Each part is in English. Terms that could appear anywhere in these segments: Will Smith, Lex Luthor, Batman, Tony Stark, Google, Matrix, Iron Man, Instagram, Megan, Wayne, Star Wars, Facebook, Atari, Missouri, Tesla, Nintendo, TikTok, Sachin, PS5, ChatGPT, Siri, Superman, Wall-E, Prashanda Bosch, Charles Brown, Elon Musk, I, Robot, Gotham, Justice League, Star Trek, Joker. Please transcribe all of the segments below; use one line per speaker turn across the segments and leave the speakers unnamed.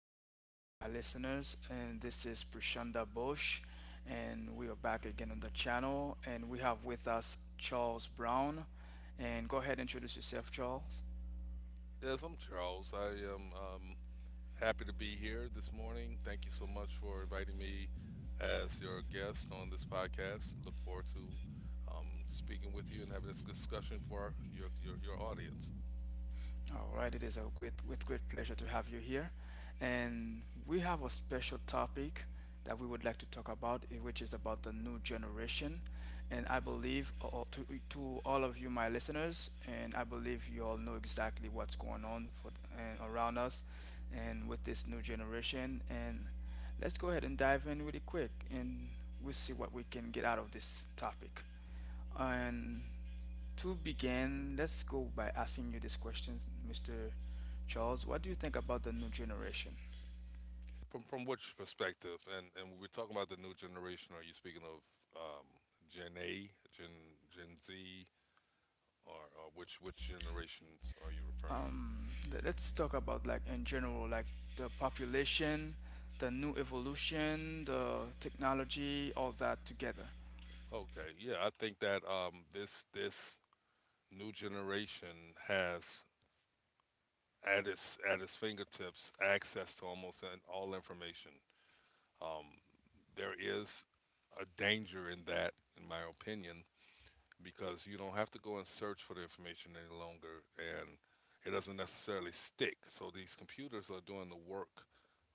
good morning to all my listeners. And this is Prashanda Bosch, and we are back again on the channel. And we have with us Charles Brown. And go ahead, and introduce yourself, Charles.
Yes, I'm Charles. I am happy to be here this morning. Thank you so much for inviting me as your guest on this podcast. Look forward to speaking with you and having this discussion for your audience.
All right, it is a great with great pleasure to have you here. And we have a special topic that we would like to talk about, which is about the new generation. And I believe to all of you, my listeners, and I believe you all know exactly what's going on for, and around us and with this new generation. And let's go ahead and dive in really quick, and we'll see what we can get out of this topic. And to begin, let's go by asking you these questions, Mr. Charles. What do you think about the new generation?
From which perspective? And we're talking about the new generation. Are you speaking of um, Gen A, Gen Z, or which generations are you referring to?
Let's talk about like in general, like the population, the new evolution, the technology, all that together.
Okay, yeah, I think that this new generation has at its fingertips access to almost all information. Um, there is a danger in that, in my opinion, because you don't have to go and search for the information any longer, and it doesn't necessarily stick. So these computers are doing the work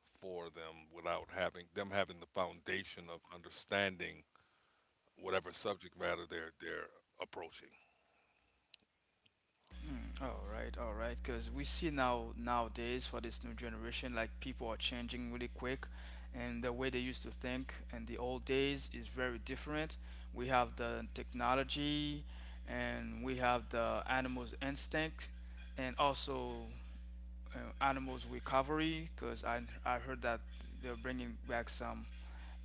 for them without having them having the foundation of understanding whatever subject matter they're approaching.
Mm, all right, all right, because we see now nowadays for this new generation, like people are changing really quick, and the way they used to think in the old days is very different. We have the technology, and we have the animals' instinct, and also animals' recovery. Because I heard that they're bringing back some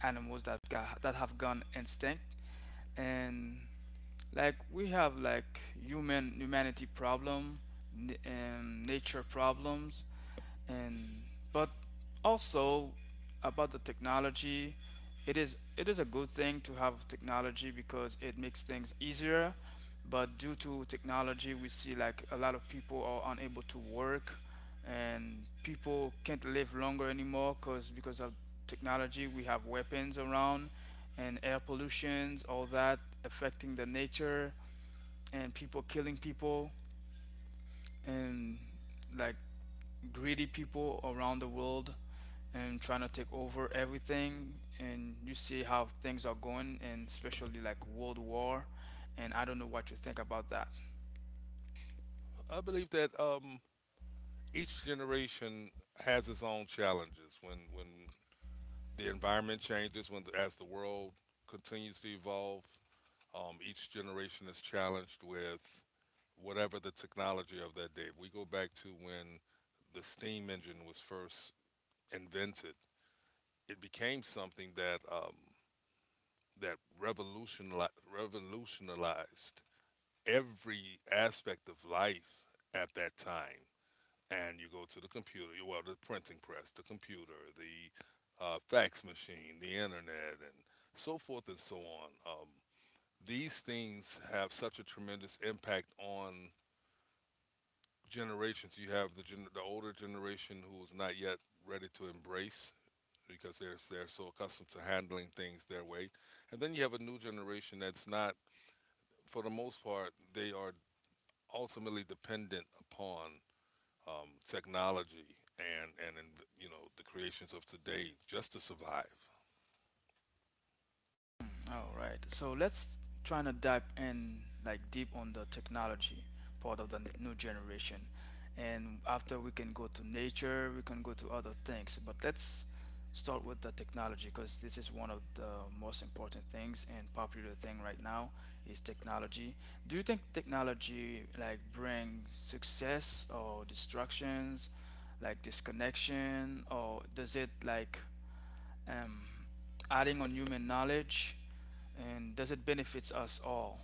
animals that have gun instinct. And like we have like humanity problem, and nature problems, and but also about the technology, it is a good thing to have technology because it makes things easier, but due to technology we see like a lot of people are unable to work, and people can't live longer anymore because of technology. We have weapons around and air pollutions, all that affecting the nature, and people killing people, and like greedy people around the world and trying to take over everything. And you see how things are going, and especially like world war. And I don't know what you think about that.
I believe that each generation has its own challenges when the environment changes when as the world continues to evolve. Each generation is challenged with whatever the technology of that day. If we go back to when the steam engine was first invented, it became something that that revolutionized every aspect of life at that time. And you go to the computer, well, the printing press, the computer, the fax machine, the internet, and so forth and so on. These things have such a tremendous impact on generations. You have the the older generation who is not yet ready to embrace because they're so accustomed to handling things their way, and then you have a new generation that's not. For the most part, they are ultimately dependent upon technology and you know, the creations of today just to survive.
Mm, all right. So let's try to dive in like deep on the technology part of the new generation. And after we can go to nature, we can go to other things. But let's start with the technology, because this is one of the most important things and popular thing right now is technology. Do you think technology like bring success or distractions, like disconnection, or does it like um, adding on human knowledge, and does it benefits us all?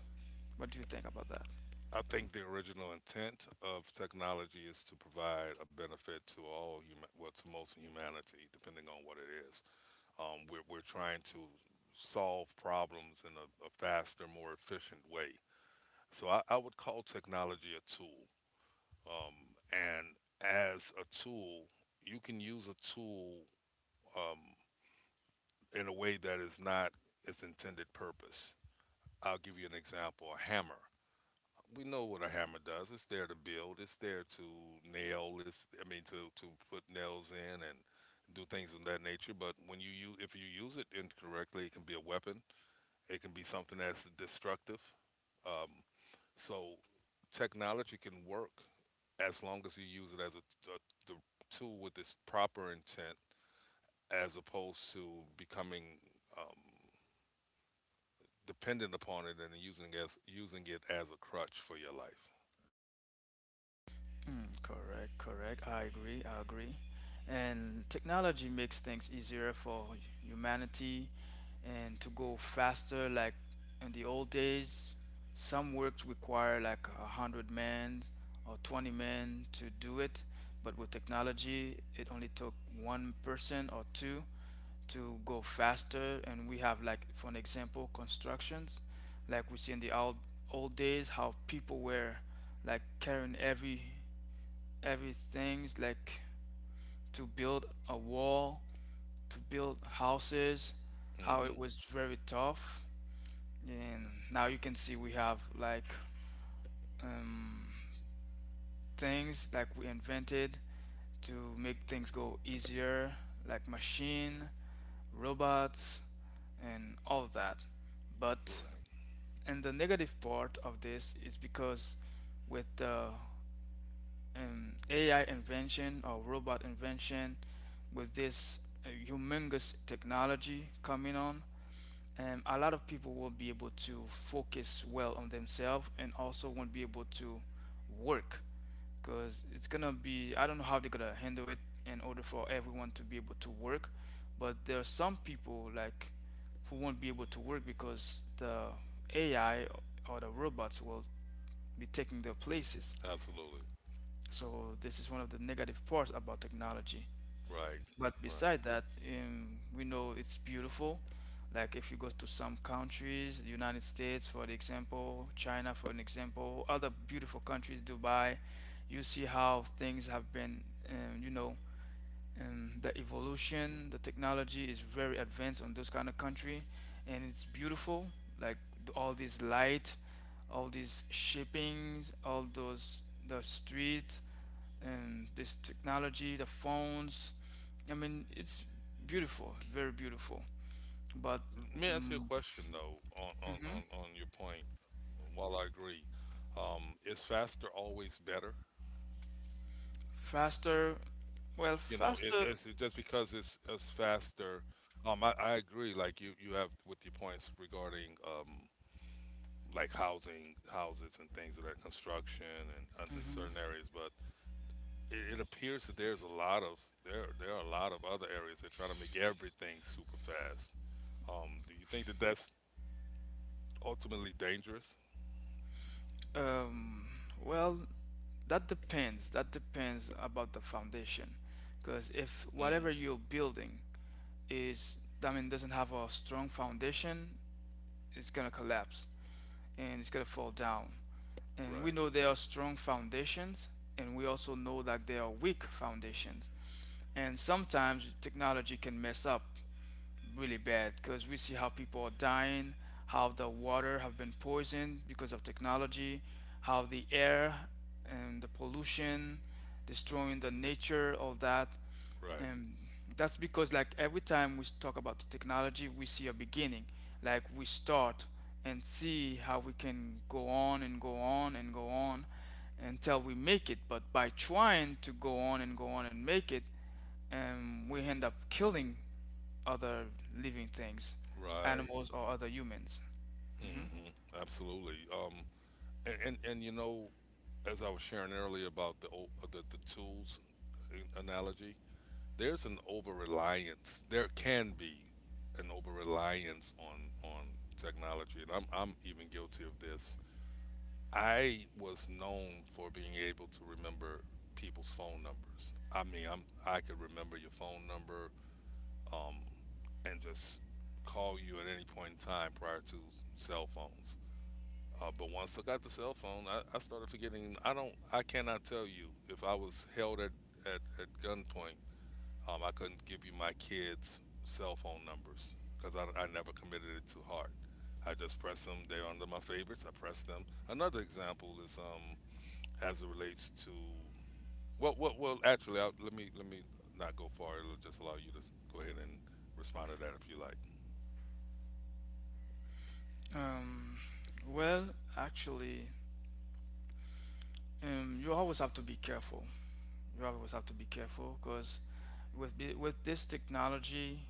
What do you think about that?
I think the original intent of technology is to provide a benefit to all human, well, to most humanity, depending on what it is. We're trying to solve problems in a faster, more efficient way. So I would call technology a tool, um, and as a tool, you can use a tool um, in a way that is not its intended purpose. I'll give you an example. A hammer. We know what a hammer does. It's there to build. It's there to nail. It's I mean to put nails in and do things of that nature. But if you use it incorrectly, it can be a weapon. It can be something that's destructive. Um, so technology can work as long as you use it as a the tool with its proper intent, as opposed to becoming um, dependent upon it and using it as a crutch for your life.
Mm, correct, correct. I agree, I agree. And technology makes things easier for humanity and to go faster. Like in the old days, some works require like 100 men or 20 men to do it, but with technology, it only took one person or two to go faster. And we have like for an example constructions, like we see in the old days how people were like carrying everything's like to build a wall, to build houses, how it
Hmm.
was very tough. And now you can see we have like um, things like we invented to make things go easier, like machine, robots, and all that. But
Right.
and the negative part of this is because with the AI invention or robot invention, with this humongous technology coming on, a lot of people will be able to focus well on themselves and also won't be able to work because it's gonna be I don't know how they're gonna handle it in order for everyone to be able to work, but there are some people like who won't be able to work because the AI or the robots will be taking their places.
Absolutely.
So this is one of the negative parts about technology.
Right.
But
Right.
beside that, we know it's beautiful. Like if you go to some countries, the United States, for an example, China, for an example, other beautiful countries, Dubai, you see how things have been, the evolution, the technology is very advanced on those kind of country, and it's beautiful. Like all this light, all these shippings, all those the street, and this technology, the phones. I mean, it's beautiful, very beautiful. But
Let me ask you a
mm,
question though on,
mhm.
on your point. While I agree, is faster always better?
Faster, well,
You know, it,
faster.
it's it just because it's faster. I agree. Like you have with your points regarding like housing, houses, and things of that construction and in certain areas. But it appears that there's a lot of there. There are a lot of other areas. They're trying to make everything super fast. Do you think that that's ultimately dangerous?
Um, well, that depends. That depends about the foundation, because if whatever
Mm.
you're building is, I mean, doesn't have a strong foundation, it's gonna collapse and it's gonna fall down. And we
right,
know there are strong foundations, and we also know that there are weak foundations. And sometimes technology can mess up really bad because we see how people are dying, how the water have been poisoned because of technology, how the air and the pollution destroying the nature, all that.
right,
Um, that's because like every time we talk about the technology, we see a beginning. Like we start and see how we can go on and go on and go on until we make it. But by trying to go on and make it, we end up killing other living things,
right.
animals or other humans. Hmm.
Hmm. Absolutely. And You know, as I was sharing earlier about the tools analogy, there's an over reliance. There can be an over reliance on technology, and I'm even guilty of this. I was known for being able to remember people's phone numbers. I mean, I could remember your phone number. Um, and just call you at any point in time prior to cell phones. But once I got the cell phone, I started forgetting. I don't. I cannot tell you if I was held at gunpoint. I couldn't give you my kids' cell phone numbers because I never committed it to heart. I just press them. They're under my favorites. I press them. Another example is as it relates to Actually, let me not go far. It'll just allow you to go ahead and respond to that if you like.
Um, well, actually, you always have to be careful. You always have to be careful because with this technology,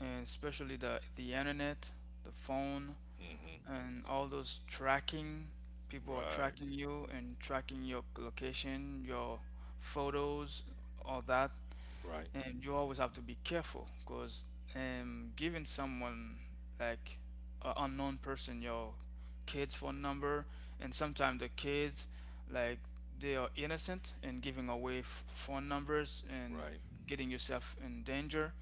and especially the internet, the phone,
Hmm.
and all those tracking, people are
Right,
tracking you and tracking your location, your photos, all that.
right,
And you always have to be careful because giving someone like an unknown person your kid's phone number, and sometimes the kids like they are innocent and giving away phone numbers and
right.
getting yourself in danger.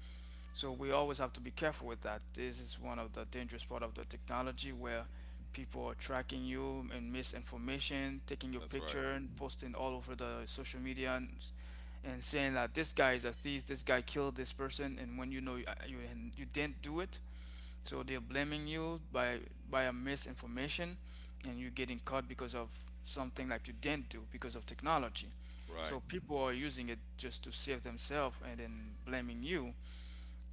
So we always have to be careful with that. This is one of the dangerous part of the technology where people are tracking you and misinformation, taking your
That's right,
picture and posting all over the social media, and, saying that this guy is a thief, this guy killed this person, and when you know you didn't do it, so they're blaming you by a misinformation, and you're getting caught because of something like you didn't do because of technology.
right,
So people are using it just to save themselves and then blaming you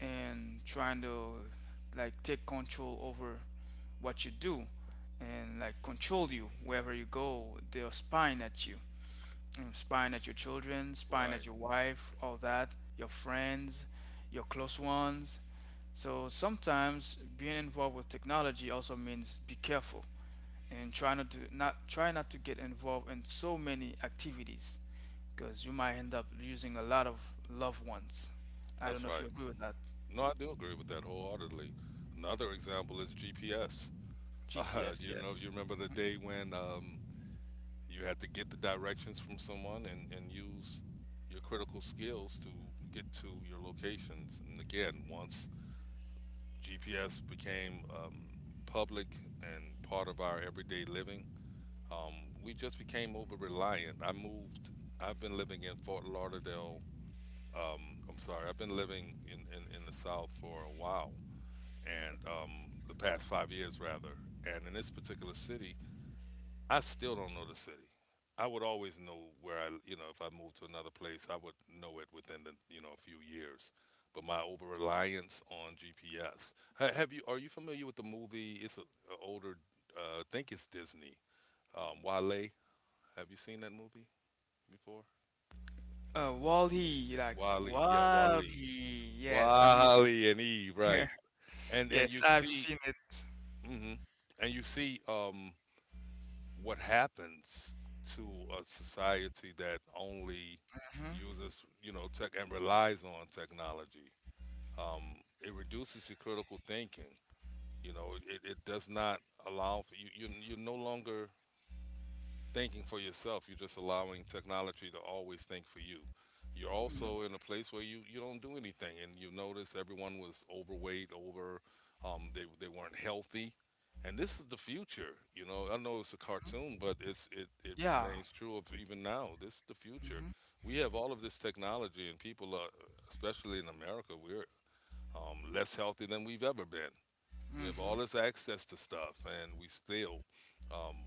and trying to like take control over what you do, and like control you wherever you go. They're spying at you and spying at your children, spying
right.
at your wife, all that, your friends, your close ones. So sometimes being involved with technology also means be careful and try not to get involved in so many activities, because you might end up losing a lot of loved ones. I don't
That's
know if
right.
you agree with that.
No, I do agree with that wholeheartedly. Another example is GPS.
GPS,
You know,
yes.
you remember the day when you had to get the directions from someone and use your critical skills to get to your locations. And again, once GPS became public and part of our everyday living, um, we just became over reliant. I've been living in Fort Lauderdale. I'm sorry. I've been living in the South for a while, and the past 5 years rather. And in this particular city, I still don't know the city. I would always know where I, you know, if I moved to another place, I would know it within the, you know, a few years. But my over reliance on GPS. Have you? Are you familiar with the movie? It's an older. I think it's Disney. Wale. Have you seen that movie before?
Wall-E, like
Wale. Yeah, Wale.
Wall-E, yes. I mean,
Wally and Eve, right? And
yes,
you
I've
see,
seen it.
hmm, and you see what happens to a society that only
Hmm.
uses, you know, tech and relies on technology. It reduces your critical thinking. You know, it does not allow for you. You you're no longer thinking for yourself. You're just allowing technology to always think for you. You're also in a place where you don't do anything, and you notice everyone was overweight, they weren't healthy, and this is the future. You know, I know it's a cartoon, but it
Yeah.
remains true of even now. This is the future.
Hmm.
We have all of this technology, and people are, especially in America, we're less healthy than we've ever been. We have all
Hmm.
this access to stuff, and we still um,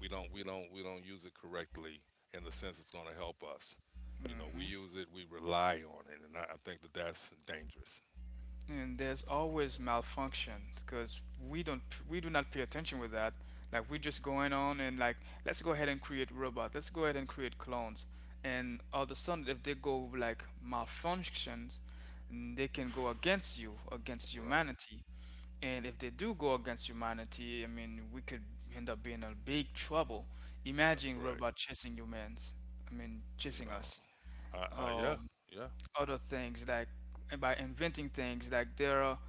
we don't we don't use it correctly in the sense it's going to help us. You know, we
Hmm.
use it, we rely on it, and I think that that's dangerous.
And there's always malfunction because we don't we do not pay attention with that. Like we're just going on, and like let's go ahead and create robots. Let's go ahead and create clones, and all of a sudden if they go like malfunctions, they can go against you, against
Right.
humanity. And if they do go against humanity, I mean we could end up being in big trouble.
That's
Imagine
correct.
robot chasing humans, I mean chasing
No.
us.
I yeah.
Oh,
Yeah.
other things like, and by inventing things like there are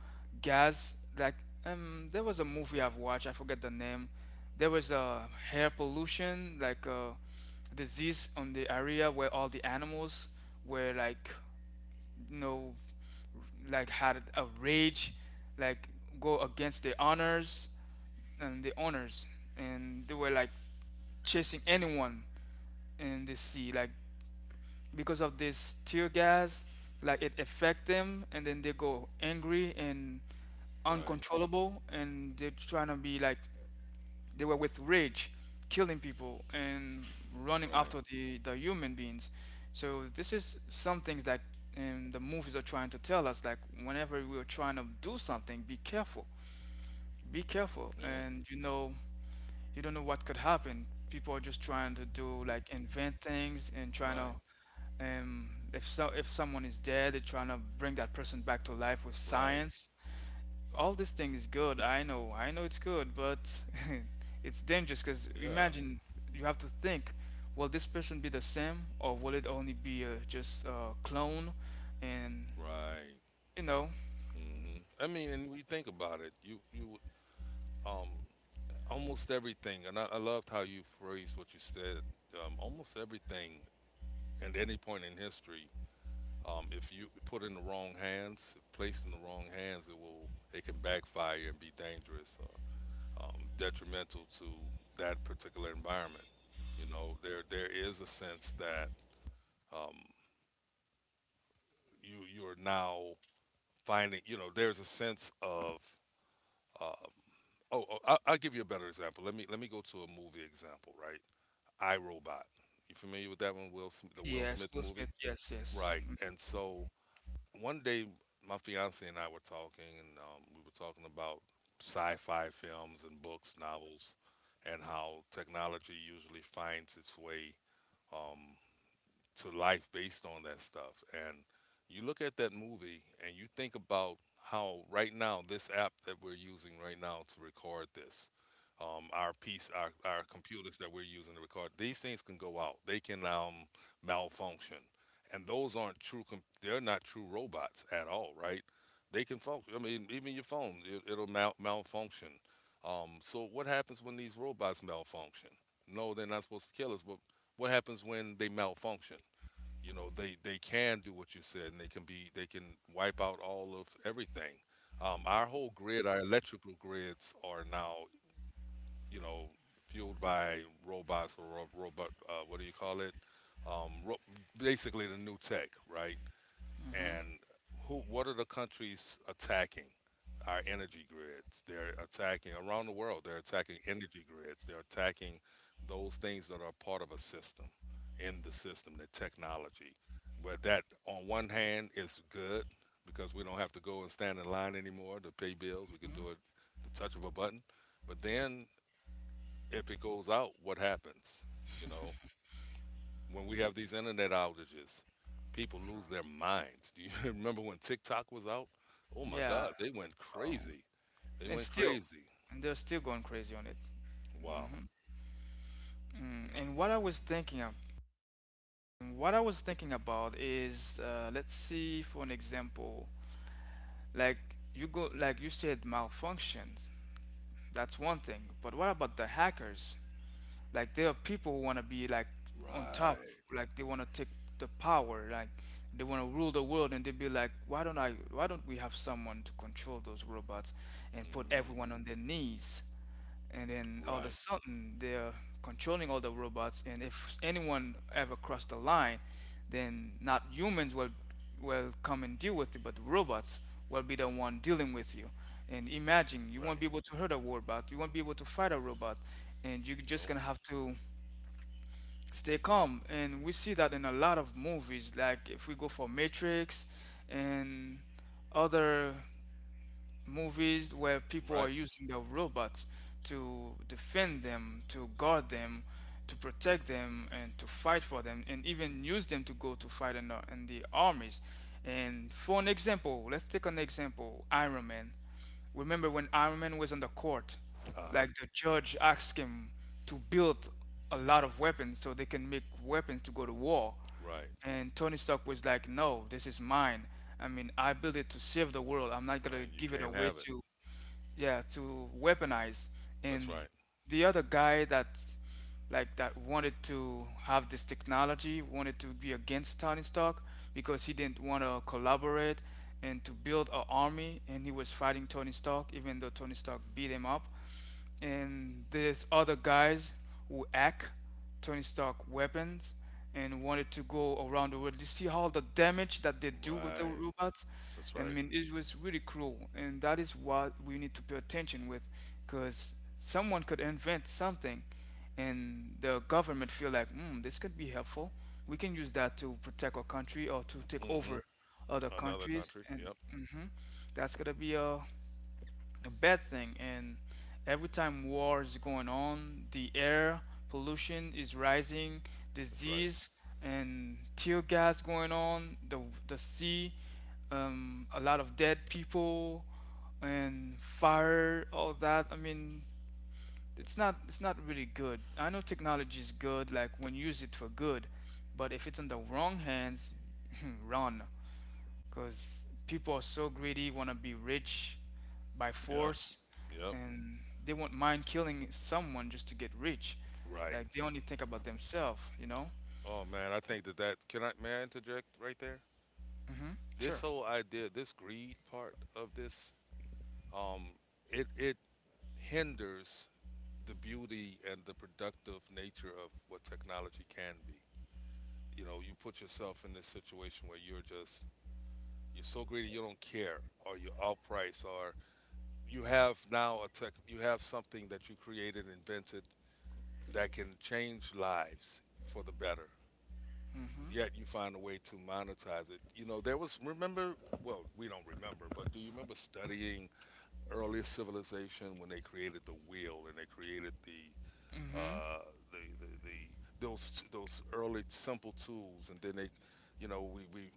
guys like, there was a movie I've watched. I forget the name. There was a hair pollution like a disease on the area where all the animals were like you know like had a rage, like go against the honors and the owners. And they were like chasing anyone in the sea like because of this tear gas, like it affect them, and then they go angry and
Right.
uncontrollable, and they're trying to be like they were with rage killing people and running
Right.
after the human beings. So this is some things that the movies are trying to tell us, like whenever we're trying to do something, be careful, be careful.
Yep.
And you don't know what could happen. People are just trying to do like invent things and trying
Right.
to, if someone is dead, they're trying to bring that person back to life with
Right.
science. All this thing is good. I know it's good, but it's dangerous because
Yeah.
imagine you have to think: will this person be the same, or will it only be just a clone? And
Right.
you know,
Hmm. I mean, and we think about it. You um almost everything, and I loved how you phrased what you said. Almost everything at any point in history, if you put in the wrong hands, if placed in the wrong hands, it can backfire and be dangerous, or, detrimental to that particular environment. You know, there is a sense that um, you you are now finding. You know, there's a sense of um, oh, I'll give you a better example. Let me go to a movie example, right? I Robot. You familiar with that one? The Will
yes,
Smith
Will
movie,
Smith. Yes, yes.
right? And so one day my fiance and I were talking, and we were talking about sci-fi films and books, novels, and how technology usually finds its way. um, to life based on that stuff. And you look at that movie and you think about how right now this app that we're using right now to record this, our piece, our computers that we're using to record, these things can go out. They can malfunction, and those aren't true. They're not true robots at all, right? They can function. I mean, even your phone, it'll malfunction. So what happens when these robots malfunction? No, they're not supposed to kill us, but what happens when they malfunction? You know, they can do what you said and they can be they can wipe out all of everything. Our whole grid, our electrical grids are now, you know, fueled by robots or robot, what do you call it, um, ro- basically the new tech, right?
Mm-hmm. Mm-hmm.
And who, what are the countries attacking our energy grids? They're attacking around the world, they're attacking energy grids, they're attacking those things that are part of a system, in the system, the technology, where that on one hand is good because we don't have to go and stand in line anymore to pay bills, we can
Mm-hmm.
do it the touch of a button. But then if it goes out, what happens? You know, when we have these internet outages, people lose their minds. Do you remember when TikTok was out? Oh my
Yeah.
God, they went
Oh.
crazy. They
And
went
still,
crazy.
and they're still going crazy on it.
Wow.
Mm. And what I was thinking about is let's see for an example, like you go like you said malfunctions, that's one thing, but what about the hackers? Like there are people who want to be like on top,
Right.
like they want to take the power, like they want to rule the world, and they be like, why don't I? Why don't we have someone to control those robots and put
Hmm.
everyone on their knees? And then all of a
Right.
sudden they're controlling all the robots, and if anyone ever crossed the line, then not humans will come and deal with you, but the robots will be the one dealing with you. And imagine you won't
Right.
be able to hurt a robot, you won't be able to fight a robot, and you're just
Nope.
gonna have to stay calm. And we see that in a lot of movies, like if we go for Matrix and other movies where people are
Right.
using their robots to defend them, to guard them, to protect them, and to fight for them, and even use them to go to fight in the armies. And for an example, let's take an example Iron Man. Remember when Iron Man was on the court,
Uh huh.
like the judge asked him to build a lot of weapons so they can make weapons to go to war.
Right.
And Tony Stark was like, "No, this is mine. I mean, I built it to save the world. I'm not gonna
Right. You
give it
can't
away
have it.
to, yeah, to weaponize."
That's
And
right.
the other guy that, like that wanted to have this technology, wanted to be against Tony Stark because he didn't want to collaborate and to build an army, and he was fighting Tony Stark, even though Tony Stark beat him up and there's other guys who hack Tony Stark weapons and wanted to go around the world. You see how the damage that they do with the
Right.
robots,
That's
and I
right.
mean it was really cruel, and that is what we need to pay attention with, because someone could invent something, and the government feel like, hmm, this could be helpful. We can use that to protect our country or to take
Hmm.
over other
Another
countries,
country.
and
Yep.
hmm that's gonna be a bad thing. And every time war is going on, the air pollution is rising,
That's right.
disease and tear gas going on, the sea, a lot of dead people, and fire, all that. I mean, it's not really good. I know technology is good, like when you use it for good, but if it's in the wrong hands, run because people are so greedy, want to be rich by
Yep.
force,
Yep.
and they won't mind killing someone just to get rich.
Right.
Like they only think about themselves,
Oh man, I think that that can I may I interject right there?
Mm-hmm.
This
Sure.
whole idea, this greed part of this um, it it hinders the beauty and the productive nature of what technology can be. You know, you put yourself in this situation where you're so greedy you don't care, or you're outpriced, or you have now a tech you have something that you created, invented that can change lives for the better.
Mm-hmm.
Yet you find a way to monetize it. You know, there was remember well, we don't remember, but do you remember studying early civilization when they created the wheel and they created
Mm-hmm.
uh, the those early simple tools, and then they, you know, we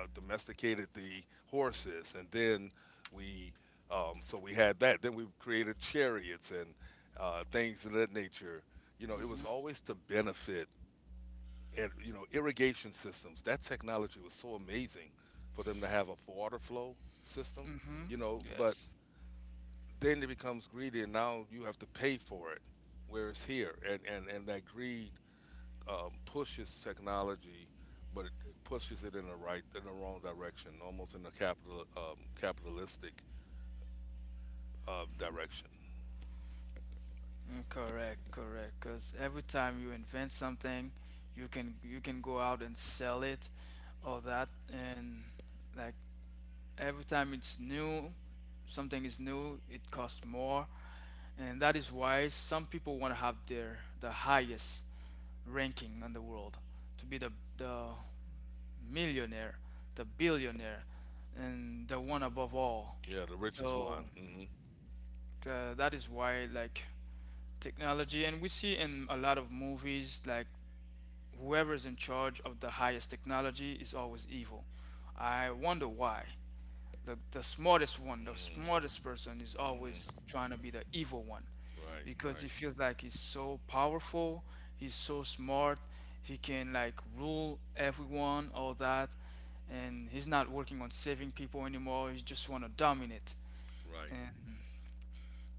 domesticated the horses, and then we we had that. Then we created chariots and things of that nature. You know, it
Mm-hmm.
was always to benefit, and you know, irrigation systems. That technology was so amazing for them to have a water flow system.
Mm-hmm.
You know, but
Yes.
then it becomes greedy, and now you have to pay for it. Whereas here, and that greed pushes technology, but it pushes it in the wrong direction, almost in the capitalistic direction.
Mm, correct, correct. Because every time you invent something, you can go out and sell it, all that, and like every time it's new, something is new, it costs more. And that is why some people want to have their the highest ranking in the world to be the millionaire, the billionaire, and the one above all.
Yeah, the richest
So
one. mm
that is why like technology, and we see in a lot of movies like whoever's in charge of the highest technology is always evil. I wonder why. The smartest one, the
hmm
smartest person is
mm
always
hmm
trying to be the evil one
Right,
because he
right,
feels like he's so powerful, he's so smart, he can like rule everyone, all that, and he's not working on saving people anymore, he just want to dominate.
right.
And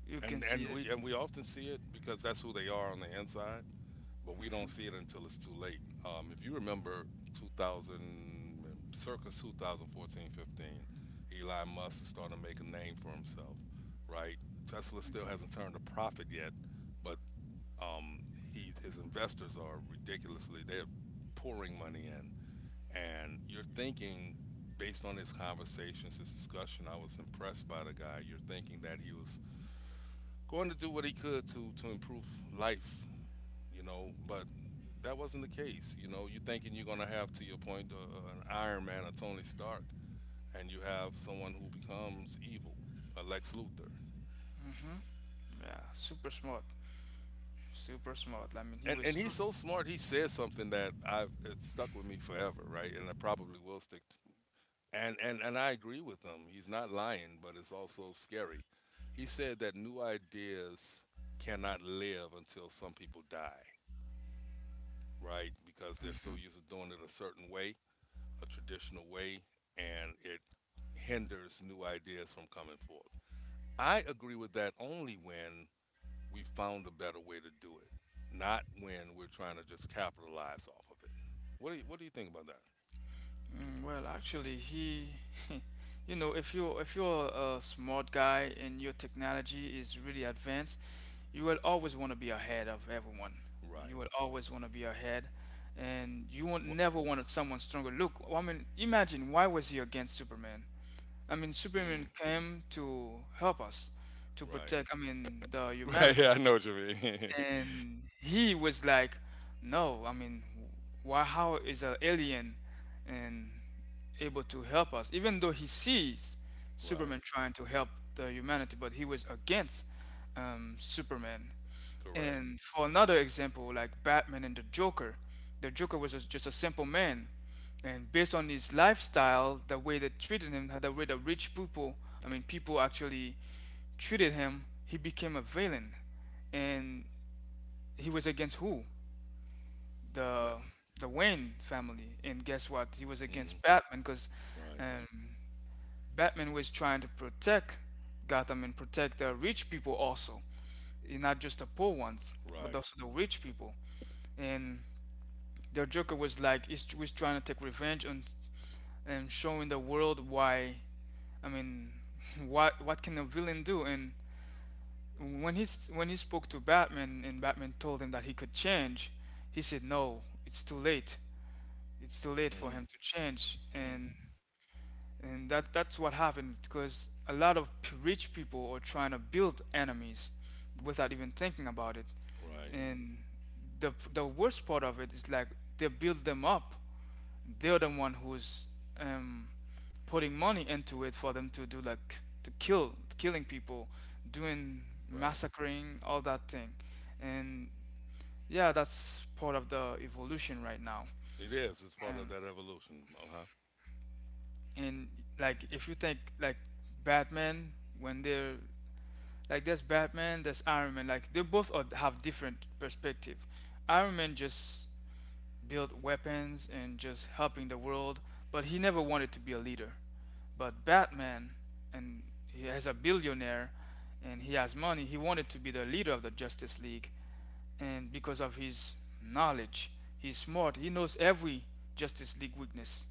you can
And
see
and
it.
we often see it because that's who they are on the inside, but we don't see it until it's too late. If you remember 2000, circa 2014, 15, Elon Musk is starting to make a name for himself, right? Tesla still hasn't turned a profit yet, but um, he his investors are ridiculously they're pouring money in, and you're thinking based on his conversations, his discussion, I was impressed by the guy. You're thinking that he was going to do what he could to improve life, you know, but that wasn't the case. You know, you thinking you're going to have, to your point, an Iron Man, a Tony Stark, and you have someone who becomes evil, a Lex Luthor.
Yeah, super smart, super smart. I mean, he
And,
was
and
so
he's so smart. He says something that I've it stuck with me forever, right? And I probably will stick. And I agree with him. He's not lying, but it's also scary. He said that new ideas cannot live until some people die, right? Because they're so used to doing it a certain way, a traditional way, and it hinders new ideas from coming forth. I agree with that only when we've found a better way to do it, not when we're trying to just capitalize off of it. What do you think about that?
mm, well, actually, he, you know, if you if you're a smart guy and your technology is really advanced, you will always want to be ahead of everyone. You
Right.
will always want to be ahead, and you won't
What,
never want someone stronger. Look, I mean, imagine why was he against Superman? I mean,
mm,
Superman came to help us, to
right.
protect. I mean, the
Right.
humanity
Yeah, I know what you mean.
and he was like no. I mean why how is an alien and able to help us even though he sees Superman
Right.
trying to help the humanity but he was against Superman.
Correct.
And for another example like Batman and the Joker, the Joker was a, just a simple man and based on his lifestyle the way they treated him the way the rich people I mean people actually treated him he became a villain and he was against who?
But,
The the Wayne family. And guess what? He was
hmm,
against Batman because
right.
um, Batman was trying to protect Gotham and protect the rich people also, eh, not just the poor ones, but
Right.
also the rich people. And the Joker was like, he's, was trying to take revenge on and showing the world why I mean, what can a villain do? And when he when he spoke to Batman and Batman told him that he could change, he said no, it's too late. It's too late for
Mm,
him to change,
mm,
and that that's what happened because a lot of p- rich people are trying to build enemies without even thinking about it,
right.
and the worst part of it is like they build them up they're the one who's um, putting money into it for them to do like to kill killing people doing
Right.
massacring all that thing and yeah that's part of the evolution right now
It is. It's part of
and
that evolution. Uh huh.
and like if you think like Batman when they're like there's Batman there's Iron Man like they both are, have different perspective. Iron Man just build weapons and just helping the world, but he never wanted to be a leader. But Batman, and he is a billionaire and he has money, he wanted to be the leader of the Justice League. And because of his knowledge, he's smart, he knows every Justice League weakness.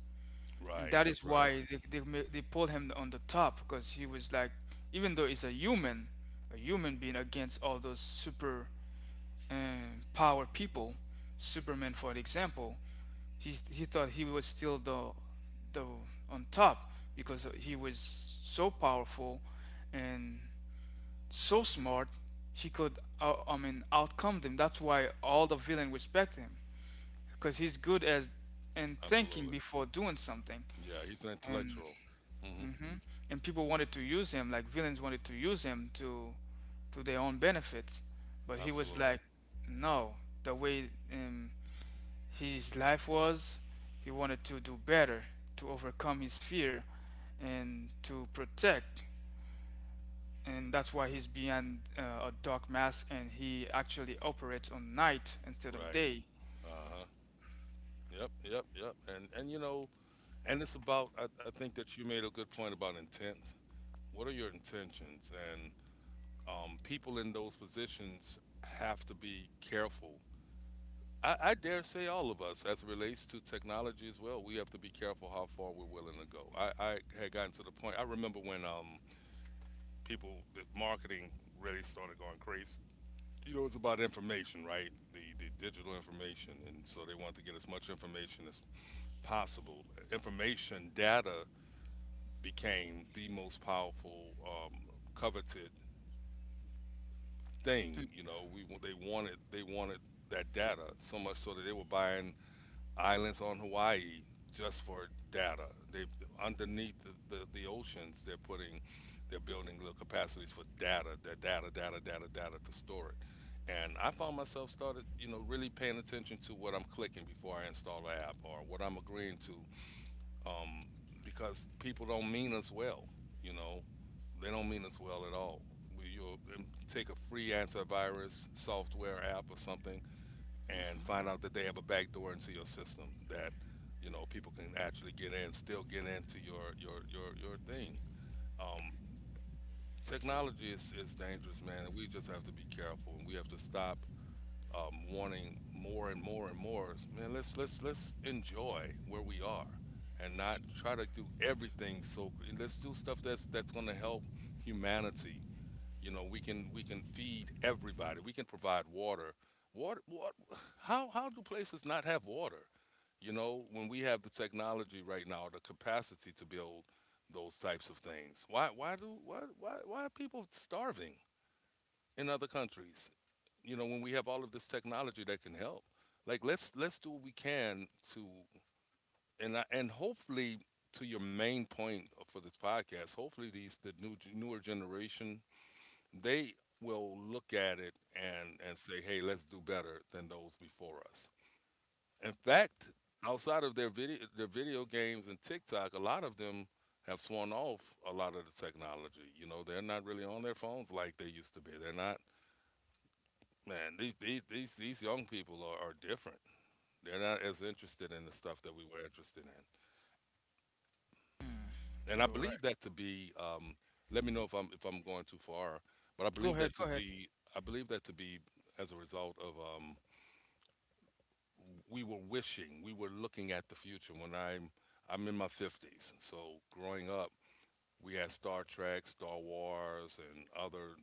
And
Right.
that is
That's right.
why they pulled him on the top because he was like, even though he's a human being against all those super and power people. Superman, for example, he thought he was still the on top because he was so powerful and so smart. He could, I mean, outcome them. That's why all the villain respect him because he's good as and thinking
Absolutely.
before doing something.
Yeah, he's an
And
intellectual. Hmm.
hmm and people wanted to use him, like villains wanted to use him to their own benefits. But he was
Absolutely.
like, no, the way his life was, he wanted to do better, to overcome his fear, and to protect. And that's why he's behind a dark mask, and he actually operates on night instead of
Right.
day.
Uh-huh. Yep. And you know, and it's about I think that you made a good point about intent. What are your intentions? And people in those positions have to be careful. I dare say all of us, as it relates to technology as well, we have to be careful how far we're willing to go. I had gotten to the point. I remember when people, the marketing really started going crazy, you know, it's about information, right? The digital information, and so they want to get as much information as possible. Information data became the most powerful, coveted thing. You know, we they wanted that data so much so that they were buying islands on Hawaii just for data. They Underneath the oceans, they're building little capacities for data, the data to store it. And I found myself started, you know, really paying attention to what I'm clicking before I install an app or what I'm agreeing to, because people don't mean us well. You know, they don't mean us well at all. You'll take a free antivirus software app or something and find out that they have a back door into your system that you know people can actually get in, still get into your thing. Technology is dangerous, man, and we just have to be careful, and we have to stop wanting more. Man, let's enjoy where we are, and not try to do everything so. Let's Do stuff that's going to help humanity. You know, we can feed everybody. We can provide water. Water, how do places not have water? You know, when we have the technology right now, the capacity to build those types of things. Why do why are people starving in other countries? You know, when we have all of this technology that can help. Let's do what we can to, and hopefully to your main point for this podcast, hopefully these the new newer generation, they will look at it and say, "Hey, let's do better than those before us." In fact, outside of their video games and TikTok, a lot of them have sworn off a lot of the technology. You know, they're not really on their phones like they used to be. They're not. Man, these young people are different. They're not as interested in the stuff that we were interested in, and I
You're right.
believe that to be. Let me know if I'm going too far, but I believe
Go
that
ahead.
to
Go ahead.
be I believe that to be as a result of we were looking at the future. When I'm in my 50s, so growing up, we had Star Trek, Star Wars, and other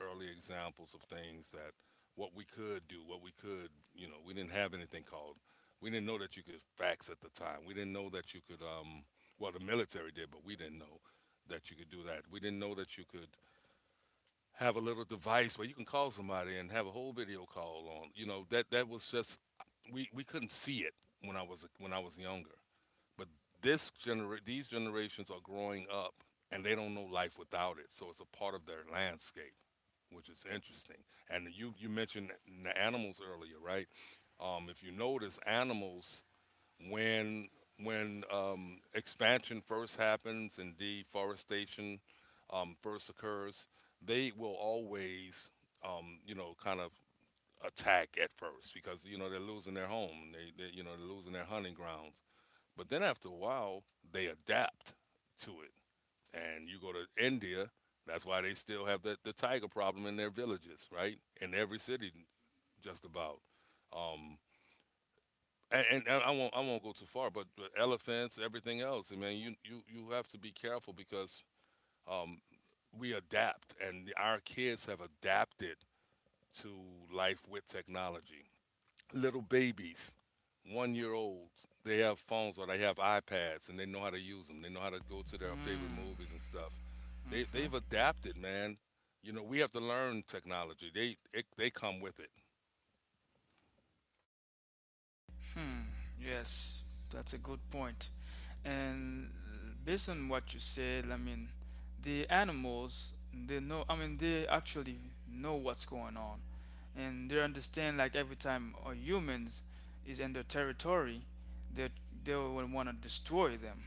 early examples of things that what we could do, you know, we didn't have anything called. We didn't know that you could fax at the time. We didn't know that you could. Well, the military did, but we didn't know that you could do that. We didn't know that you could have a little device where you can call somebody and have a whole video call on. You know that that was just we couldn't see it when I was younger, but these generations are growing up and they don't know life without it. So it's a part of their landscape, which is interesting. And you mentioned the animals earlier, right? If you notice, animals when expansion first happens and deforestation first occurs, they will always, you know, kind of attack at first because you know they're losing their home, they you know they're losing their hunting grounds. But then after a while, they adapt to it, and you go to India. That's why they still have the tiger problem in their villages, right? In every city, just about. Um, and I won't go too far, but the elephants, everything else. I mean, you have to be careful because um, we adapt, and our kids have adapted to life with technology. Little babies, 1 year olds, they have phones or they have iPads, and they know how to use them. They know how to go to their favorite movies and stuff. They they've
Mm-hmm.
adapted, man. You know, we have to learn technology. They come with it.
Hmm, yes, that's a good point. And based on what you said, I mean, the animals, they know, I mean, they actually know what's going on. And they understand, like, every time a humans is in their territory, they, they will want to destroy them.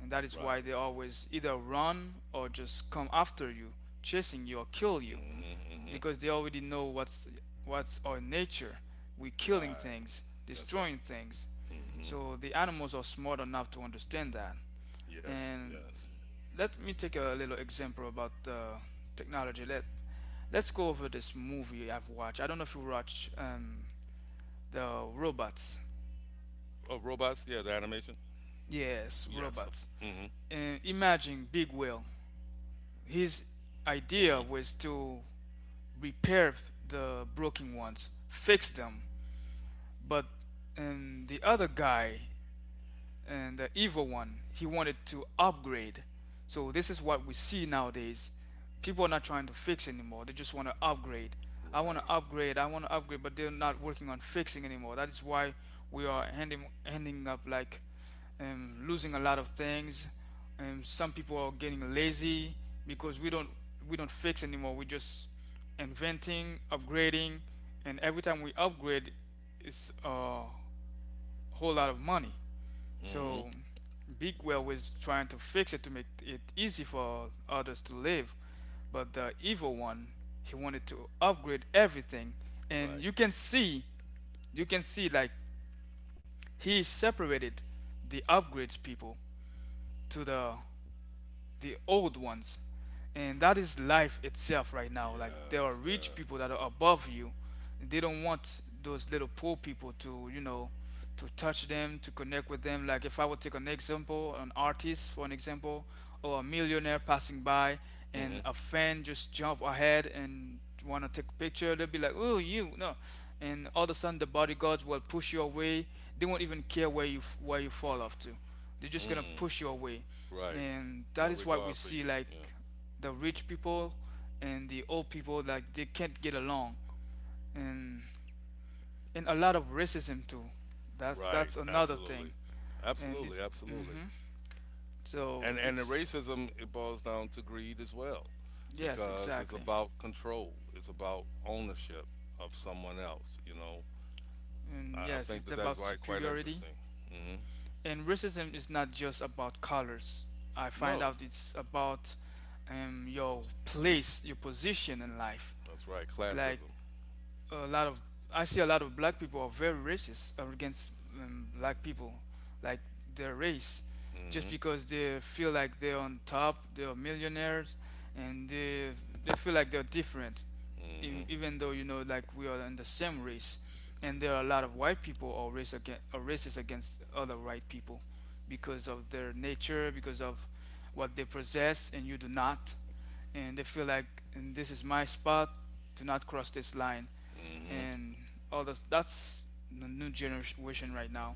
And that is why they
Right.
always either run or just come after you, chasing you or kill you
Hmm. Hmm.
because they already know what's our nature. We're killing
Right.
things,
That's
destroying
right.
things.
Hmm.
So the animals are smart enough to understand that.
Yes,
And
yes.
let me take a little example about technology. Let's go over this movie I've watched. I don't know if you watch the robots.
Oh, robots. Yeah, the animation.
Yes,
Yes. Of,
robots.
mm-hmm.
And imagine Big Whale. His idea
Mm-hmm.
was to repair the broken ones, fix them, but the other guy and the evil one he wanted to upgrade so this is what we see nowadays people are not trying to fix anymore they just want to upgrade. i want to
Right.
upgrade i want to upgrade but they're not working on fixing anymore that is why we are ending up like losing a lot of things. Some people are getting lazy because we don't fix anymore we just inventing upgrading and every time we upgrade it's a whole lot of money
Mm-hmm.
so Big Well was trying to fix it to make it easy for others to live, but the evil one he wanted to upgrade everything, and
Right.
you can see like he separated the upgrades people to the old ones. And that is life itself right now. Like there
Yes.
are rich
Yes.
people that are above you. And they don't want those little poor people to, you know, to touch them, to connect with them. Like if I would take an example, an artist for an example, or a millionaire passing by
Mm-hmm.
and a fan just jump ahead and want to take a picture, they'll be like, "Oh, you no," and all of a sudden the bodyguards will push you away. They won't even care where you fall off to. They're just gonna
Mm.
push you away,
Right.
and
No
that is why we
regard for
see
you. Yeah.
like the rich people and the old people like they can't get along, and and a lot of racism too.
Right.
That's another
Absolutely.
thing, and
Absolutely.
it's
Absolutely.
hmm so
And the
it's
racism, it boils down to greed as well,
yes
because it's
exactly,
about control. It's about ownership of someone else. You know.
and
I
yes
think
it's
that
about
that's why quite
superiority,
interesting. Mm-hmm.
and racism is not just about colors. I find
No.
out it's about your place, your position in life.
That's right.
It's like
Classism.
a lot of I see a lot of black people are very racist against black people, like their race, just
Mm-hmm.
because they feel like they're on top, they're millionaires, and they feel like they're different,
Mm-hmm.
even though you know like we are in the same race. And there are a lot of white people are racist against other white people because of their nature, because of what they possess, and you do not, and they feel like, and this is my spot, do not cross this line.
Mm-hmm.
And all this, that's the new generation right now.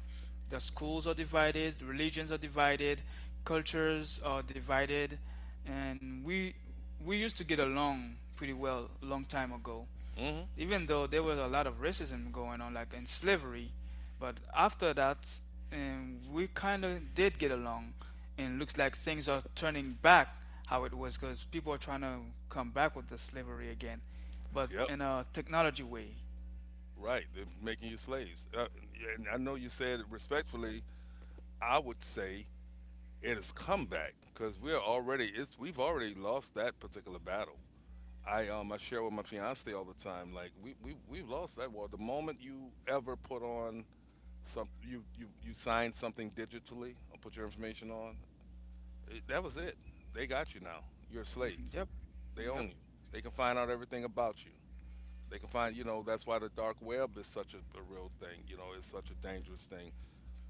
The schools are divided, religions are divided, cultures are divided. And we used to get along pretty well a long time ago,
Mm-hmm.
even though there was a lot of racism going on like in slavery. But after that, we kind of did get along, and it looks like things are turning back how it was, because people are trying to come back with the slavery again, but
Yep.
in a technology way.
Right. They're making you slaves. Yeah, and I know you said it respectfully. I would say it has come back because we've already lost that particular battle. I share with my fiance all the time. Like we've lost that war. The moment you ever put on some you sign something digitally or put your information on, it, that was it. They got you now. You're a slave.
Yep.
They
Yep.
own you. They can find out everything about you. They can find, you know, that's why the dark web is such a real thing. You know, it's such a dangerous thing.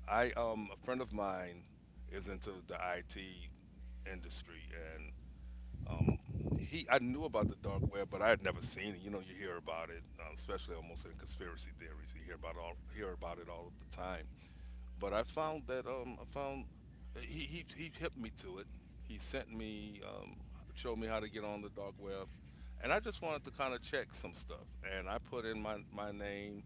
A friend of mine is into the IT industry, and um, I knew about the dark web, but I had never seen it. You know, you hear about it, especially almost in conspiracy theories. You hear hear about it all of the time. But I found that I found he hipped me to it. He sent me Showed me how to get on the dark web, and I just wanted to kind of check some stuff. And I put in my name.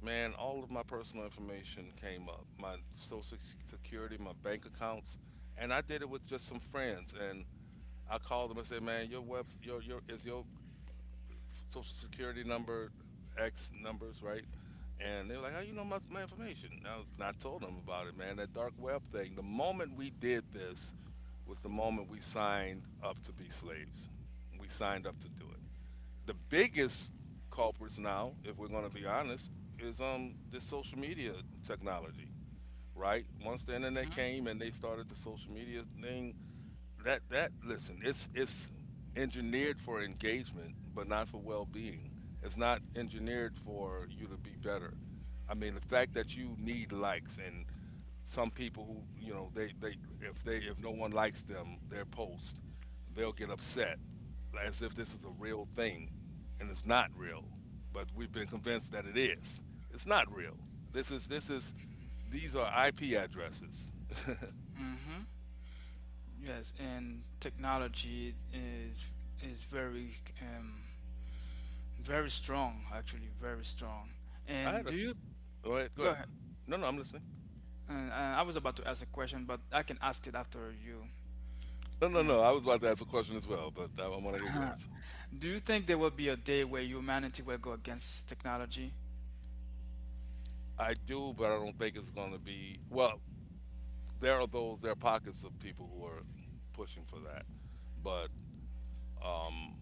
Man, all of my personal information came up. My security, my bank accounts, and I did it with just some friends. And I called them and said, "Man, your webs, your is your social security number, X numbers, right?" And they were like, "How you know my information?" And I told them about it, man. That dark web thing. The moment we did this was the moment we signed up to be slaves. We signed up to do it. The biggest culprits now, if we're going to be honest, is this social media technology, right? Once the internet came and they started the social media thing, that that listen, it's engineered for engagement, but not for well-being. It's not engineered for you to be better. I mean, the fact that you need likes and some people who, you know, they if they, if no one likes them, their post, they'll get upset as if this is a real thing and it's not real. But we've been convinced that it is. It's not real. This is these are IP addresses.
Mm-hmm. Yes, and technology is very um very strong, actually very strong.
I
And
had a
do you
go ahead, go
go
ahead.
ahead?
No, no, I'm listening.
I was about to ask a question, but I can ask it after you.
No, no,
Uh,
no. I was about to ask a question as well, but I want to hear yours.
do you think there will be a day where humanity will go against technology?
I do, but I don't think it's going to be. Well, there are those, there are pockets of people who are pushing for that. But um,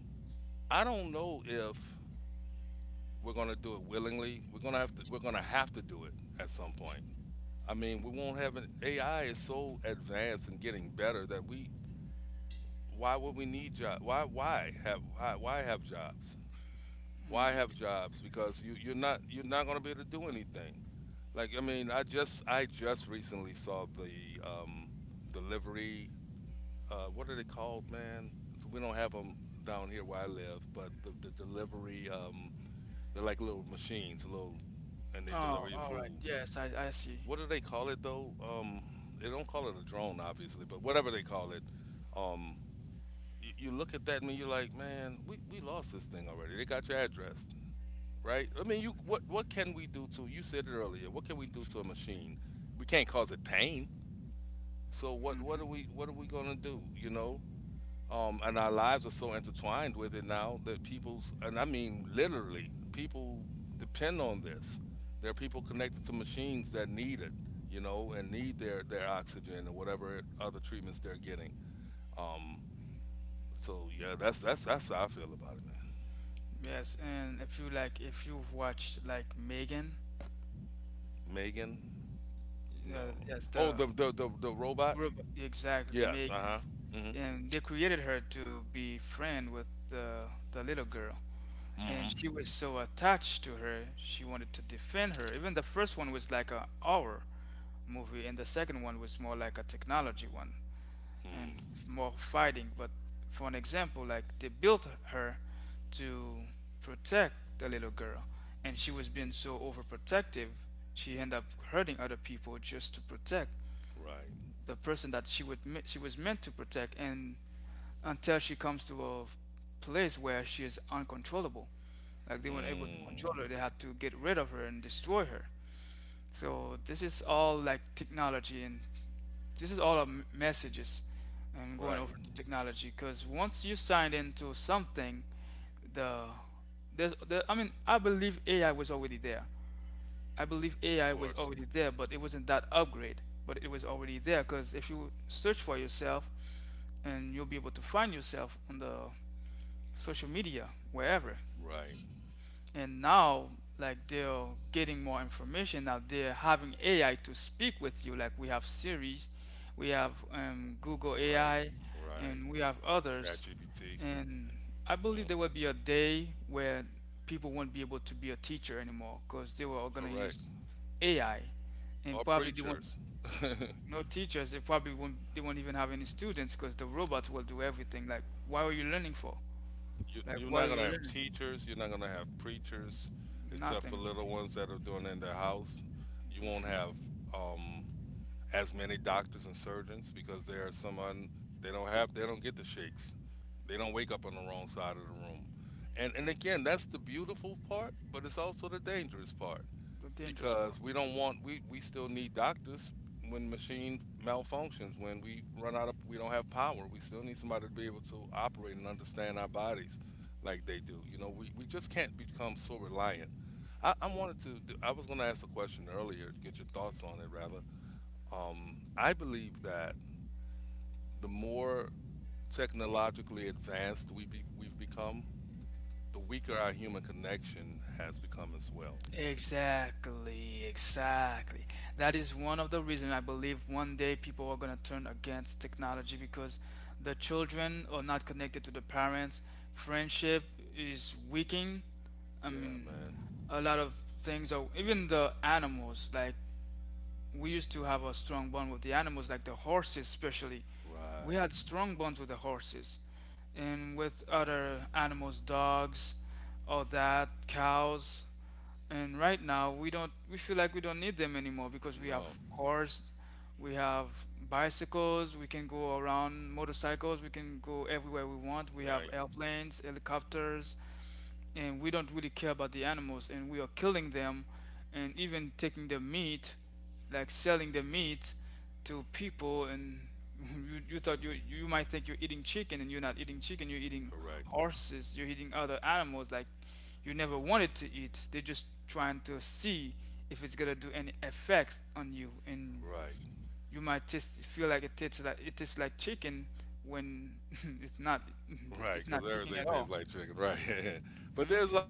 I don't know if we're going to do it willingly. We're going to have to. We're going to have to do it at some point. I mean, we won't have an AI is so advanced and getting better that we. Why would we need jobs? Why? Why have? Why have jobs? Why
Mm,
have
ex-
jobs? Because you're not going to be able to do anything. Like I mean, I just recently saw the delivery. What are they called, man? So we don't have them down here where I live, but the delivery. They're like little machines, little, and they deliver
oh,
your
all right.
food.
Yes, I see.
What do they call it though? They don't call it a drone, obviously, but whatever they call it. Um, you look at that and you're like, man, we lost this thing already. They got your address, right? I mean, you what can we do to? You said it earlier. What can we do to a machine? We can't cause it pain. So what what are we
Hmm.
what are we gonna do? You know, and our lives are so intertwined with it now that people's and I mean literally people depend on this. There are people connected to machines that need it, you know, and need their oxygen or whatever other treatments they're getting. Um, so yeah, that's how I feel about it, man.
Yes, and if you like, if you've watched like Megan,
Megan, no.
yes,
Oh,
the
the robot.
Exactly,
Yes. Uh
Megan.
huh. Mhm.
And they created her to be friend with the little girl. And
Mhm.
she was so attached to her, she wanted to defend her. Even the first one was like a horror movie, and the second one was more like a technology one and
Mm.
more fighting. But for an example, like they built her to protect the little girl, and she was being so overprotective, she ended up hurting other people just to protect
Right.
the person that she was meant to protect, and until she comes to a place where she is uncontrollable, like they weren't able to control
Mm.
her, they had to get rid of her and destroy her. So this is all like technology, and this is all our messages. I'm going over
Right.
to technology because once you sign into something, the I mean I believe AI was already there. I believe
Of
AI was
course.
already there, but it wasn't that upgrade. But it was already there because if you search for yourself, and you'll be able to find yourself on the social media wherever.
Right.
And now like they're getting more information, now they're having AI to speak with you, like we have Siri, we have Google
Right,
AI,
right.
and we have others.
ChatGPT.
And I believe
Yep,
there will be a day where people won't be able to be a teacher anymore because they were all going to
correct.
use AI, and
Or
probably they won't,
preachers.
no teachers, they probably won't, they won't even have any students because the robots will do everything. Like, why are you learning for? Like,
You're
why
not
are you
gonna have
learning?
teachers. You're not gonna have preachers, except for
Nothing.
little ones that are doing it in their house. You won't have um, as many doctors and surgeons because there are some un, they don't get the shakes. They don't wake up on the wrong side of the room. And again, that's the beautiful part, but it's also the dangerous part
The dangerous
because
part.
we don't want we still need doctors when machine malfunctions, when we run out of, we don't have power, we still need somebody to be able to operate and understand our bodies like they do. You know, we just can't become so reliant. I wanted to do, I was going to ask a question earlier, get your thoughts on it rather. I believe that the more technologically advanced we've become, the weaker our human connection has become as well.
Exactly, exactly. That is one of the reasons I believe one day people are going to turn against technology, because the children are not connected to the parents. Friendship is weakening. I
Yeah,
mean,
man.
a lot of things, are even the animals, like we used to have a strong bond with the animals, like the horses especially. We
Right.
had strong bonds with the horses and with other animals, dogs, all that, cows. And right now, we don't, we feel like we don't need them anymore because we
No.
have cars, we have bicycles, we can go around motorcycles, we can go everywhere we want. We have
Right.
airplanes, helicopters, and we don't really care about the animals, and we are killing them, and even taking the meat, like selling the meat to people, and you thought you might think you're eating chicken, and you're not eating chicken, you're eating
Correct.
horses, you're eating other animals like you never wanted to eat. They're just trying to see if it's gonna do any effects on you, and
Right.
you might taste feel like it tastes like it tastes like chicken when it's not.
Right.
It's not
Because
chicken
everything
at
tastes
all.
like chicken. Right. But there's
Hmm.
like,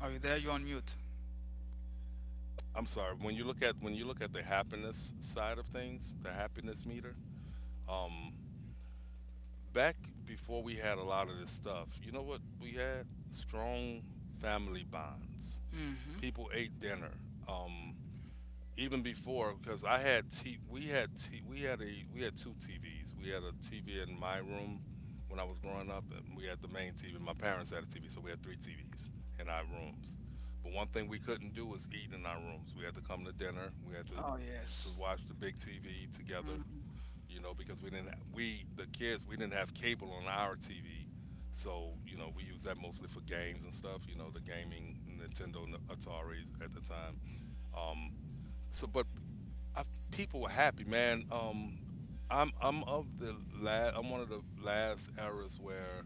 Are you there? You're on mute.
I'm sorry. When you look at the happiness side of things, the happiness meter. Um, Back before we had a lot of this stuff, you know what we had? Strong family bonds.
Mm.
People ate dinner. Um, Even before, because I had t- we had t- we had a we had two TVs. We had a TV in my room when I was growing up, and we had the main TV. My parents had a TV, so we had three TVs in our rooms. But one thing we couldn't do was eat in our rooms. We had to come to dinner. We had to
Oh yes.
watch the big TV together,
Mm.
you know, because we didn't we the kids, we didn't have cable on our TV. So, you know, we used that mostly for games and stuff, you know, the gaming Nintendo Ataris at the time. Um so but I, People were happy, man. I'm of the last. I'm one of the last eras where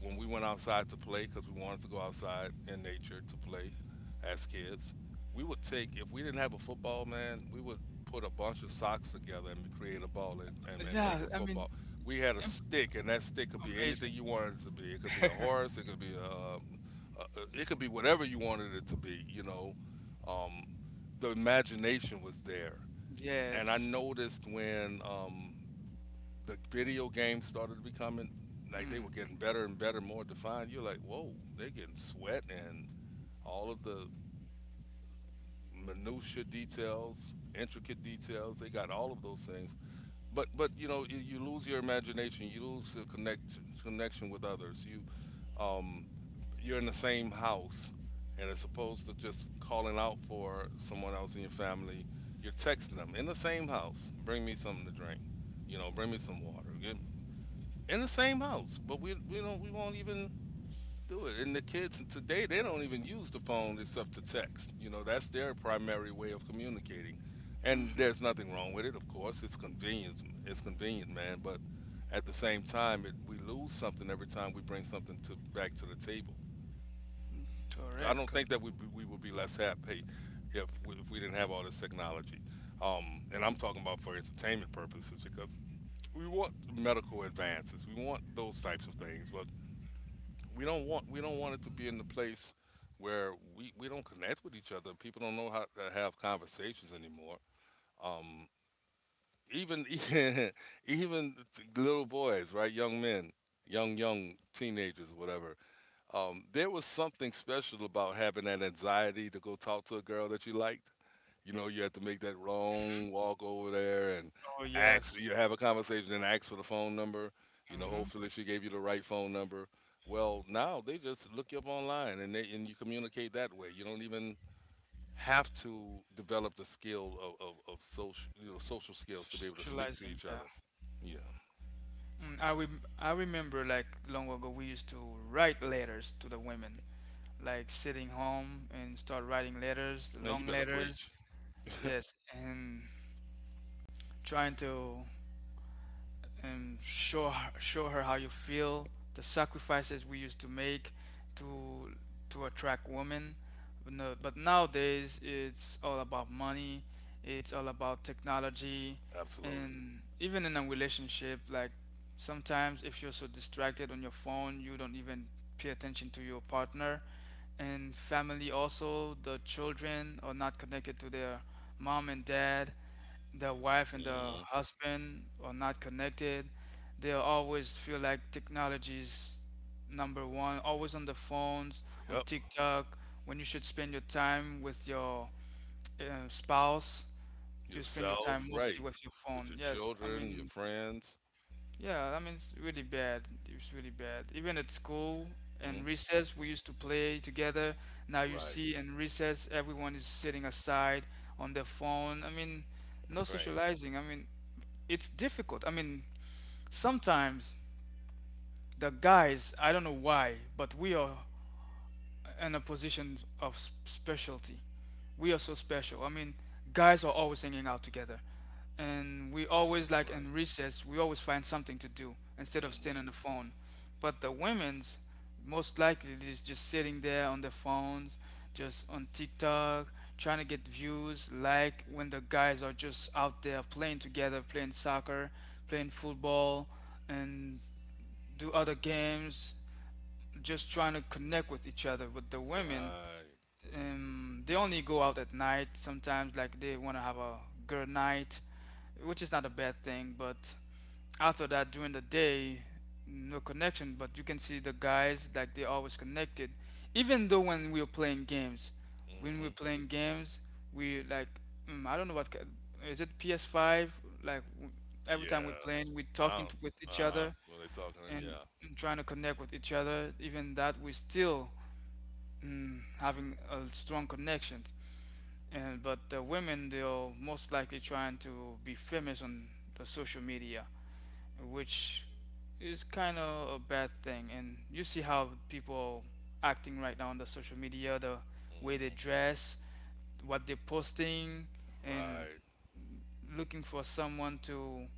when we went outside to play, because we wanted to go outside in nature to play as kids, we would take, if we didn't have a football, man, we would put a bunch of socks together and create a ball and make
Yeah,
a
I mean,
football. We had a stick,
im-
and that stick could be anything
amazing.
you wanted it to be. It could be a horse. It could be a, it could be whatever you wanted it to be. You know, um, the imagination was there. And I
Yes.
noticed when the video games started becoming like, they were getting
Mm.
better and better, more defined. You're like, whoa, they're getting sweat and all of the minutia details, intricate details. They got all of those things, but you know you lose your imagination, you lose the connection with others. You um, you're in the same house, and as opposed to just calling out for someone else in your family, you're texting them in the same house. Bring me something to drink. You know, bring me some water. Get, in the same house, but we won't even do it. And the kids today, they don't even use the phone except to text. You know, that's their primary way of communicating. And
Hmm.
there's nothing wrong with it, of course. It's convenient. It's convenient, man. But at the same time, it, we lose something every time we bring something to back to the table. I
Correct.
don't
Correct.
think that we would be less happy if we didn't have all this technology. And I'm talking about for entertainment purposes, because we want medical advances, we want those types of things, but we don't want it to be in the place where we don't connect with each other. People don't know how to have conversations anymore. Um, Even even little boys, right? Young men, young teenagers, whatever. There was something special about having that anxiety to go talk to a girl that you liked. You know, you had to make that wrong walk over there and
Oh
ask,
yes.
you have a conversation and ask for the phone number. You know,
Mm-hmm.
hopefully she gave you the right phone number. Well, now they just look you up online and they, and you communicate that way. You don't even have to develop the skill of social, you know, social skills to be able to speak to
Socializing.
each
Yeah.
other. Yeah.
Mm, I I remember like long ago we used to write letters to the women, like sitting home and start writing letters,
Man, you
long
better
letters.
preach.
Yes, and trying to and show her how you feel, the sacrifices we used to make to to attract women. But, no, but nowadays it's all about money, it's all about technology,
Absolutely.
and even in a relationship, like sometimes if you're so distracted on your phone, you don't even pay attention to your partner. And family also, the children are not connected to their mom and dad, the wife and the
Hmm.
husband are not connected. They always feel like technology is number one, always on the phones, on
Yep.
TikTok. When you should spend your time with your spouse, you spend your time
Yourself,
mostly
right.
with your
With your
phone. Yes, I
children, your
mean,
friends.
yeah, I mean, it's really bad. It's really bad. Even at school
Hmm.
and recess, we used to play together. Now you
Right,
see in recess, everyone is sitting aside on their phone. I mean, no
right,
socializing. I mean, it's difficult. I mean, sometimes the guys, I don't know why, but we are in a position of specialty. We are so special. I mean, guys are always hanging out together. And we always, like
right.
in recess, we always find something to do instead of staying
Hmm.
on the phone. But the women's, most likely, is just sitting there on their phones, just on TikTok, trying to get views, like when the guys are just out there playing together, playing soccer, playing football, and do other games, just trying to connect with each other. But the women,
Right.
they only go out at night sometimes, like they want to have a girl night, which is not a bad thing, but after that during the day, no connection. But you can see the guys like they're always connected, even though when we
Hmm.
are playing games, we like, I don't know what is it PS5, like every time we're
Yeah.
playing, we're
I
talking
don't,
to, with each
uh-huh.
other,
When they talking, yeah.
and trying to connect with each other, even that we're still, having a strong connection. And but the women, they're most likely trying to be famous on the social media, which is kind of a bad thing. And you see how people are acting right now on the social media, the way they
Hmm.
dress, what they're posting, and
Right.
looking for someone to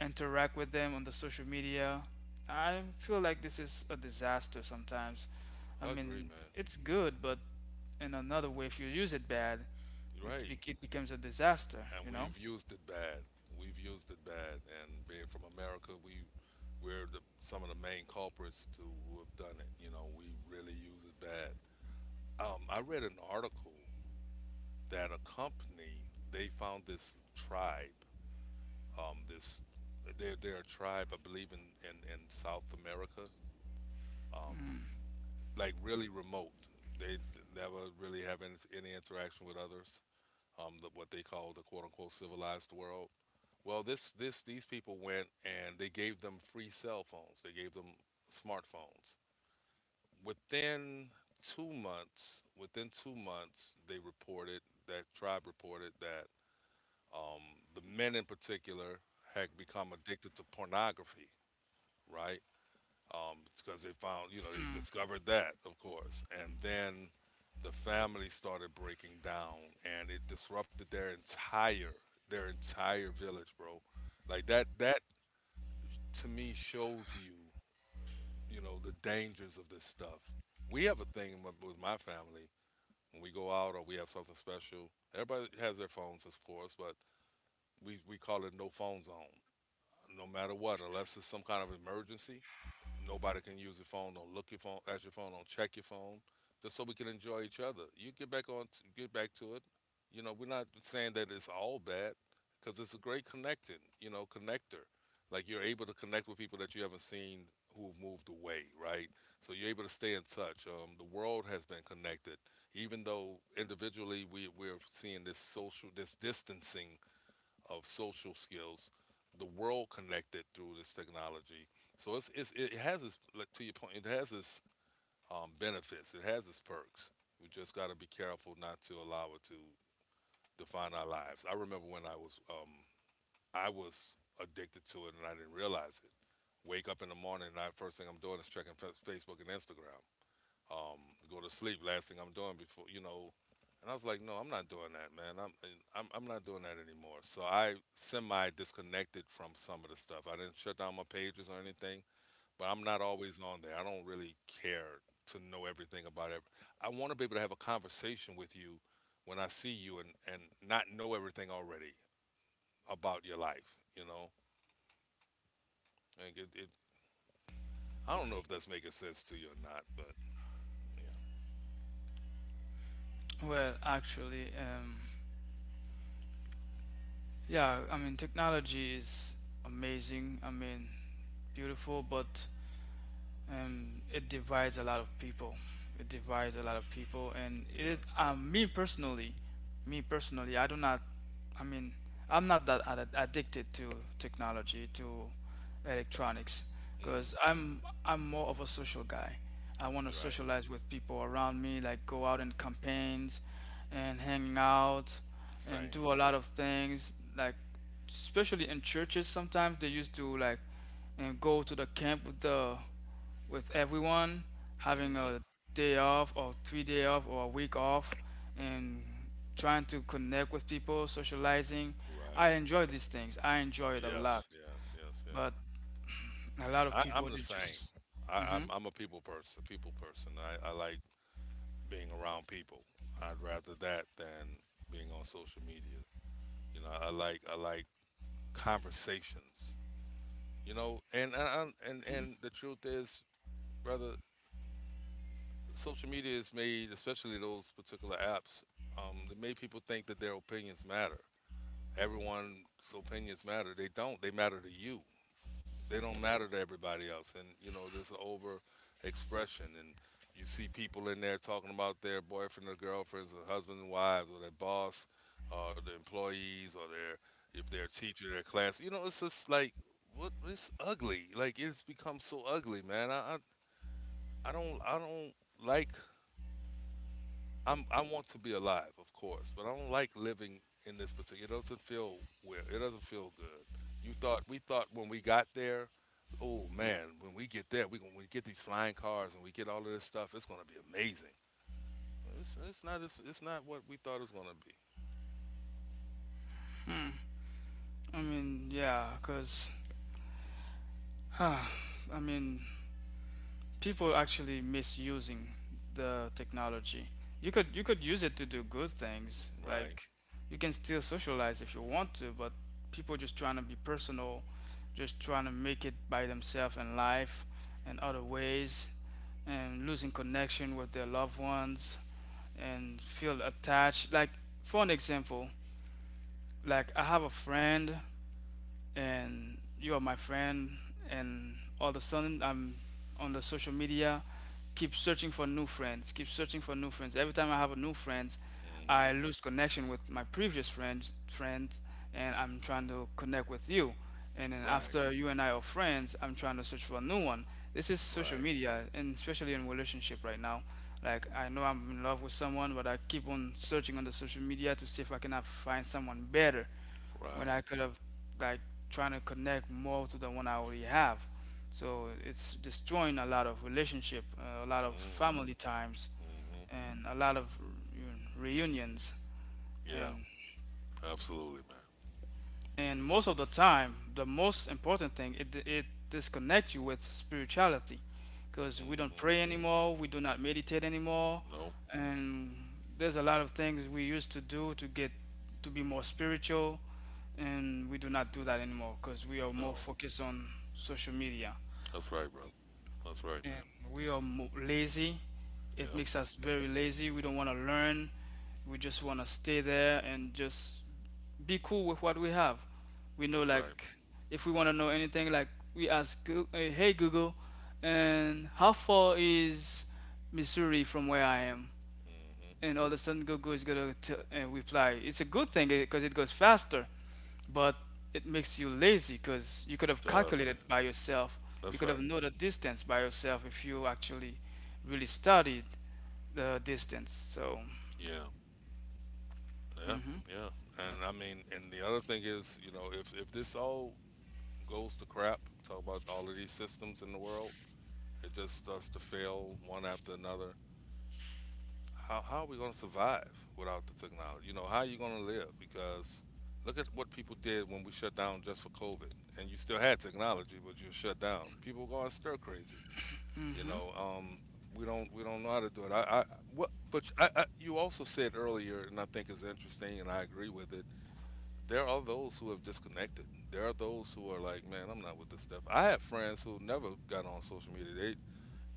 interact with them on the social media. I feel like this is a disaster sometimes. I
I agree,
mean,
man.
it's good, but in another way, if you use it bad,
You're right.
it becomes a disaster,
And
you know?
we've used it bad. We've used it bad. And being from America, we some of the main culprits to who have done it. You know, we really use it bad. I read an article that accompany, they found this tribe. This they're a tribe, I believe, in in South America. Um, like really remote. They never really have any interaction with others. The, what they call the quote unquote civilized world. Well, this these people went and they gave them free cell phones. They gave them smartphones. Within within two months, they reported that tribe reported that um, the men in particular had become addicted to pornography, right? Um, because they found, you know, they discovered that, of course. And then the family started breaking down and it disrupted their entire village, bro. That to me shows you, you know, the dangers of this stuff. We have a thing with my family when we go out or we have something special. Everybody has their phones, of course, but we call it no phone zone. No matter what, unless it's some kind of emergency. Nobody can use your phone. Don't look your phone at your phone. Don't check your phone. Just so we can enjoy each other. You get back on, t- Get back to it. You know, we're not saying that it's all bad, because it's a great connector. Like you're able to connect with people that you haven't seen who have moved away, right? So you're able to stay in touch. The world has been connected, even though individually we're seeing this distancing of social skills, the world connected through this technology. So it has its, like, to your point, it has its benefits, it has its perks. We just got to be careful not to allow it to define our lives. I remember when I was addicted to it and I didn't realize it. Wake up in the morning, and first thing I'm doing is checking Facebook and Instagram, um, go to sleep. Last thing I'm doing before, you know. And I was like, no, I'm not doing that, man. I'm not doing that anymore. So I semi disconnected from some of the stuff. I didn't shut down my pages or anything, but I'm not always on there. I don't really care to know everything about it. I want to be able to have a conversation with you when I see you and not know everything already about your life, you know? And it, it, I don't know if that's making sense to you or not, but yeah,
Well, actually, yeah, I mean, technology is amazing, I mean, beautiful, but it divides a lot of people. It divides a lot of people, and
it
it is,
does.
me personally, I do not, I mean, I'm not that ad addicted to technology, to electronics,
Hmm.
because I'm more of a social guy. I want to
You're right.
socialize with people around me, like go out in campaigns and hanging out and
Same.
do a lot of things. Like, especially in churches, sometimes they used to like and go to the camp with the with everyone, having
Hmm.
a day off or three-day off or a week off, and trying to connect with people, socializing.
Right.
I enjoy these things. I enjoy it a lot.
Yes, yes, yes, yes.
But a lot of
I,
people
I'm the
they
same.
just. Hmm.
I'm a people person. People person. I like being around people. I'd rather that than being on social media. You know, I like, I like conversations. You know, and I'm- and the truth is, brother, social media is made, especially those particular apps, they made people think that their opinions matter. Everyone's opinions matter. They don't. They matter to you. They don't matter to everybody else, and you know there's an over expression, and you see people in there talking about their boyfriend or girlfriends, or husband and wives, or their boss, or their employees, or their, if they're a teacher, their class. You know, it's just like, what, it's ugly. Like, it's become so ugly, man. I don't like, I'm, I want to be alive, of course, but I don't like living in this particular. It doesn't feel weird. It doesn't feel good. You thought we thought when we got there, oh man, when we get there, we get these flying cars and we get all of this stuff. It's gonna be amazing. It's not what we thought it was gonna be.
I mean, yeah, because, I mean, people actually misusing the technology. You could use it to do good things,
Right.
like you can still socialize if you want to, but people just trying to be personal, just trying to make it by themselves in life and other ways, and losing connection with their loved ones and feel attached. Like, for an example, like, I have a friend and you are my friend, and all of a sudden I'm on the social media keep searching for new friends, keep searching for new friends. Every time I have a new friend,
Hmm.
I lose connection with my previous friends, and I'm trying to connect with you, and then
Right.
after you and I are friends, I'm trying to search for a new one. This is social
Right.
media, and especially in relationship right now. Like, I know I'm in love with someone, but I keep on searching on the social media to see if I cannot find someone better, when
Right.
I could have, like, trying to connect more to the one I already have. So it's destroying a lot of relationship, a lot of
Mm.
family times,
Hmm.
and a lot of reunions.
Yeah.
And
Absolutely, man.
and most of the time, the most important thing, it disconnects you with spirituality, because we don't
Hmm.
pray anymore, we do not meditate anymore,
Nope.
and there's a lot of things we used to do to get to be more spiritual, and we do not do that anymore because we are more
No.
focused on social media.
That's right, bro. That's right,
And
man.
we are lazy. It
Yep.
makes us very lazy. We don't want to learn. We just want to stay there and just be cool with what we have. We know,
That's right.
like, if we want to know anything, like, we ask, hey Google, and how far is Missouri from where I am?
Hmm.
And all of a sudden, Google is going to reply. It's a good thing because it goes faster, but it makes you lazy, because you could have
Does, man.
calculated by yourself. You
That's
could have
right.
know the distance by yourself if you actually really studied the distance. So,
Yeah, yeah,
mhm.
yeah. And I mean, and the other thing is, you know, if this all goes to crap, talk about all of these systems in the world, it just starts to fail one after another. How are we going to survive without the technology? You know, how are you going to live? Because look at what people did when we shut down just for COVID, and you still had technology, but you were shut down. People were going stir crazy. You know, we don't, we don't know how to do it. I what, but I, you also said earlier, and I think is interesting, and I agree with it. There are those who have disconnected. There are those who are like, man, I'm not with this stuff. I have friends who never got on social media. They,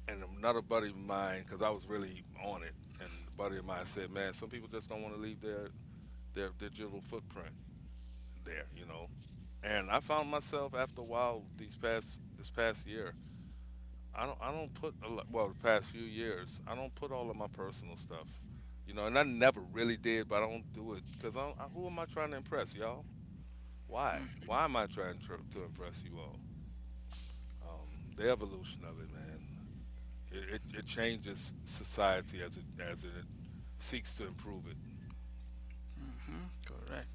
and another buddy of mine, because I was really on it, and a buddy of mine said, man, some people just don't want to leave their digital footprint there, you know. And I found myself after a while these past this past year, I don't put a lot, well the past few years I don't put all of my personal stuff, you know, and I never really did, but I don't do it because I, don't- I, who am I trying to impress, y'all? Why? Why am I trying to impress you all? The evolution of it, man, it changes society as it seeks to improve it.
Mhm. Correct.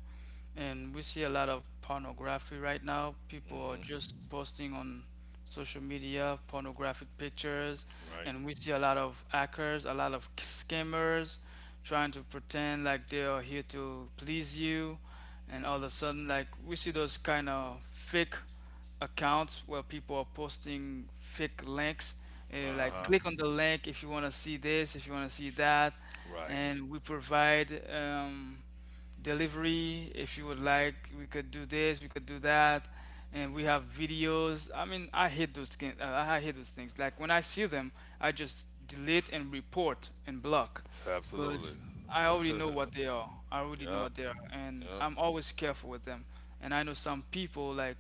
And we see a lot of pornography right now. People are
Mm-hmm.
just posting on social media pornographic pictures,
Right.
and we see a lot of hackers, a lot of scammers trying to pretend like they are here to please you. And all of a sudden, like, we see those kind of fake accounts where people are posting fake links.
Uh
Like,
huh.
click on the link if you want to see this, if you want to see that,
Right.
and we provide. Delivery. If you would like, we could do this, we could do that, and we have videos. I mean, I hate those I hate those things. Like, when I see them, I just delete and report and block,
Absolutely.
because I already know what they are. I already know
Yep.
what they are, and
Yep.
I'm always careful with them. And I know some people, like,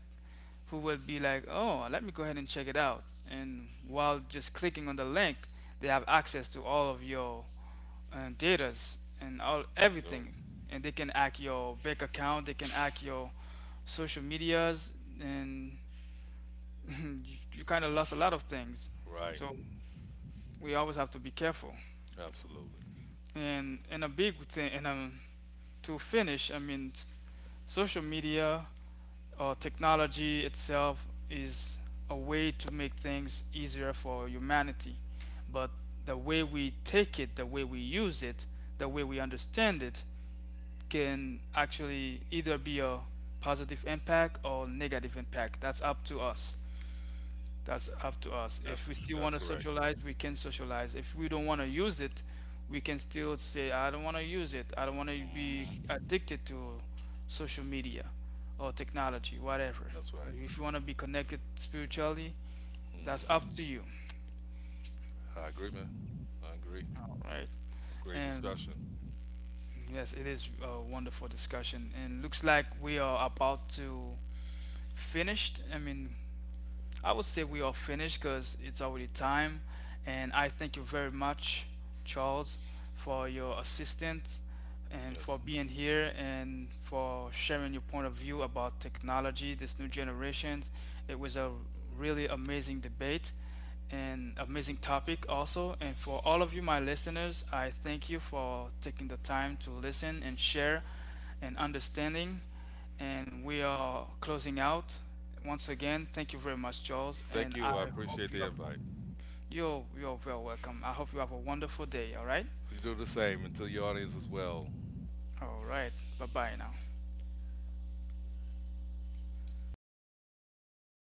who will be like, oh, let me go ahead and check it out. And while just clicking on the link, they have access to all of your datas and all
I do.
everything, and they can hack your bank account, they can hack your social medias, and you kind of lost a lot of things.
Right.
So we always have to be careful.
Absolutely.
And a big thing, and to finish, I mean, social media or technology itself is a way to make things easier for humanity, but the way we take it, the way we use it, the way we understand it can actually either be a positive impact or negative impact. That's up to us. That's up to us. If
That's
we still
that's
want to
correct.
socialize, we can socialize. If we don't want to use it, we can still say, I don't want to use it. I don't want to
Mm-hmm.
be addicted to social media or technology, whatever.
That's right.
If you want to be connected spiritually,
Hmm.
that's up to you.
I agree, man. I agree.
All right.
Great
And
discussion.
yes, it is a wonderful discussion. And looks like we are about to finish. I mean, I would say we are finished because it's already time. And I thank you very much, Charles, for your assistance and
Yes.
for being here and for sharing your point of view about technology, this new generation. It was a really amazing debate and amazing topic also. And for all of you, my listeners, I thank you for taking the time to listen and share and understanding, and we are closing out. Once again, thank you very much, Charles, and
Thank you. I
I
appreciate
hope you
the
have
invite.
you're very welcome. I hope you have a wonderful day, all right?
You do the same and to your audience as well.
All right. Bye-bye now.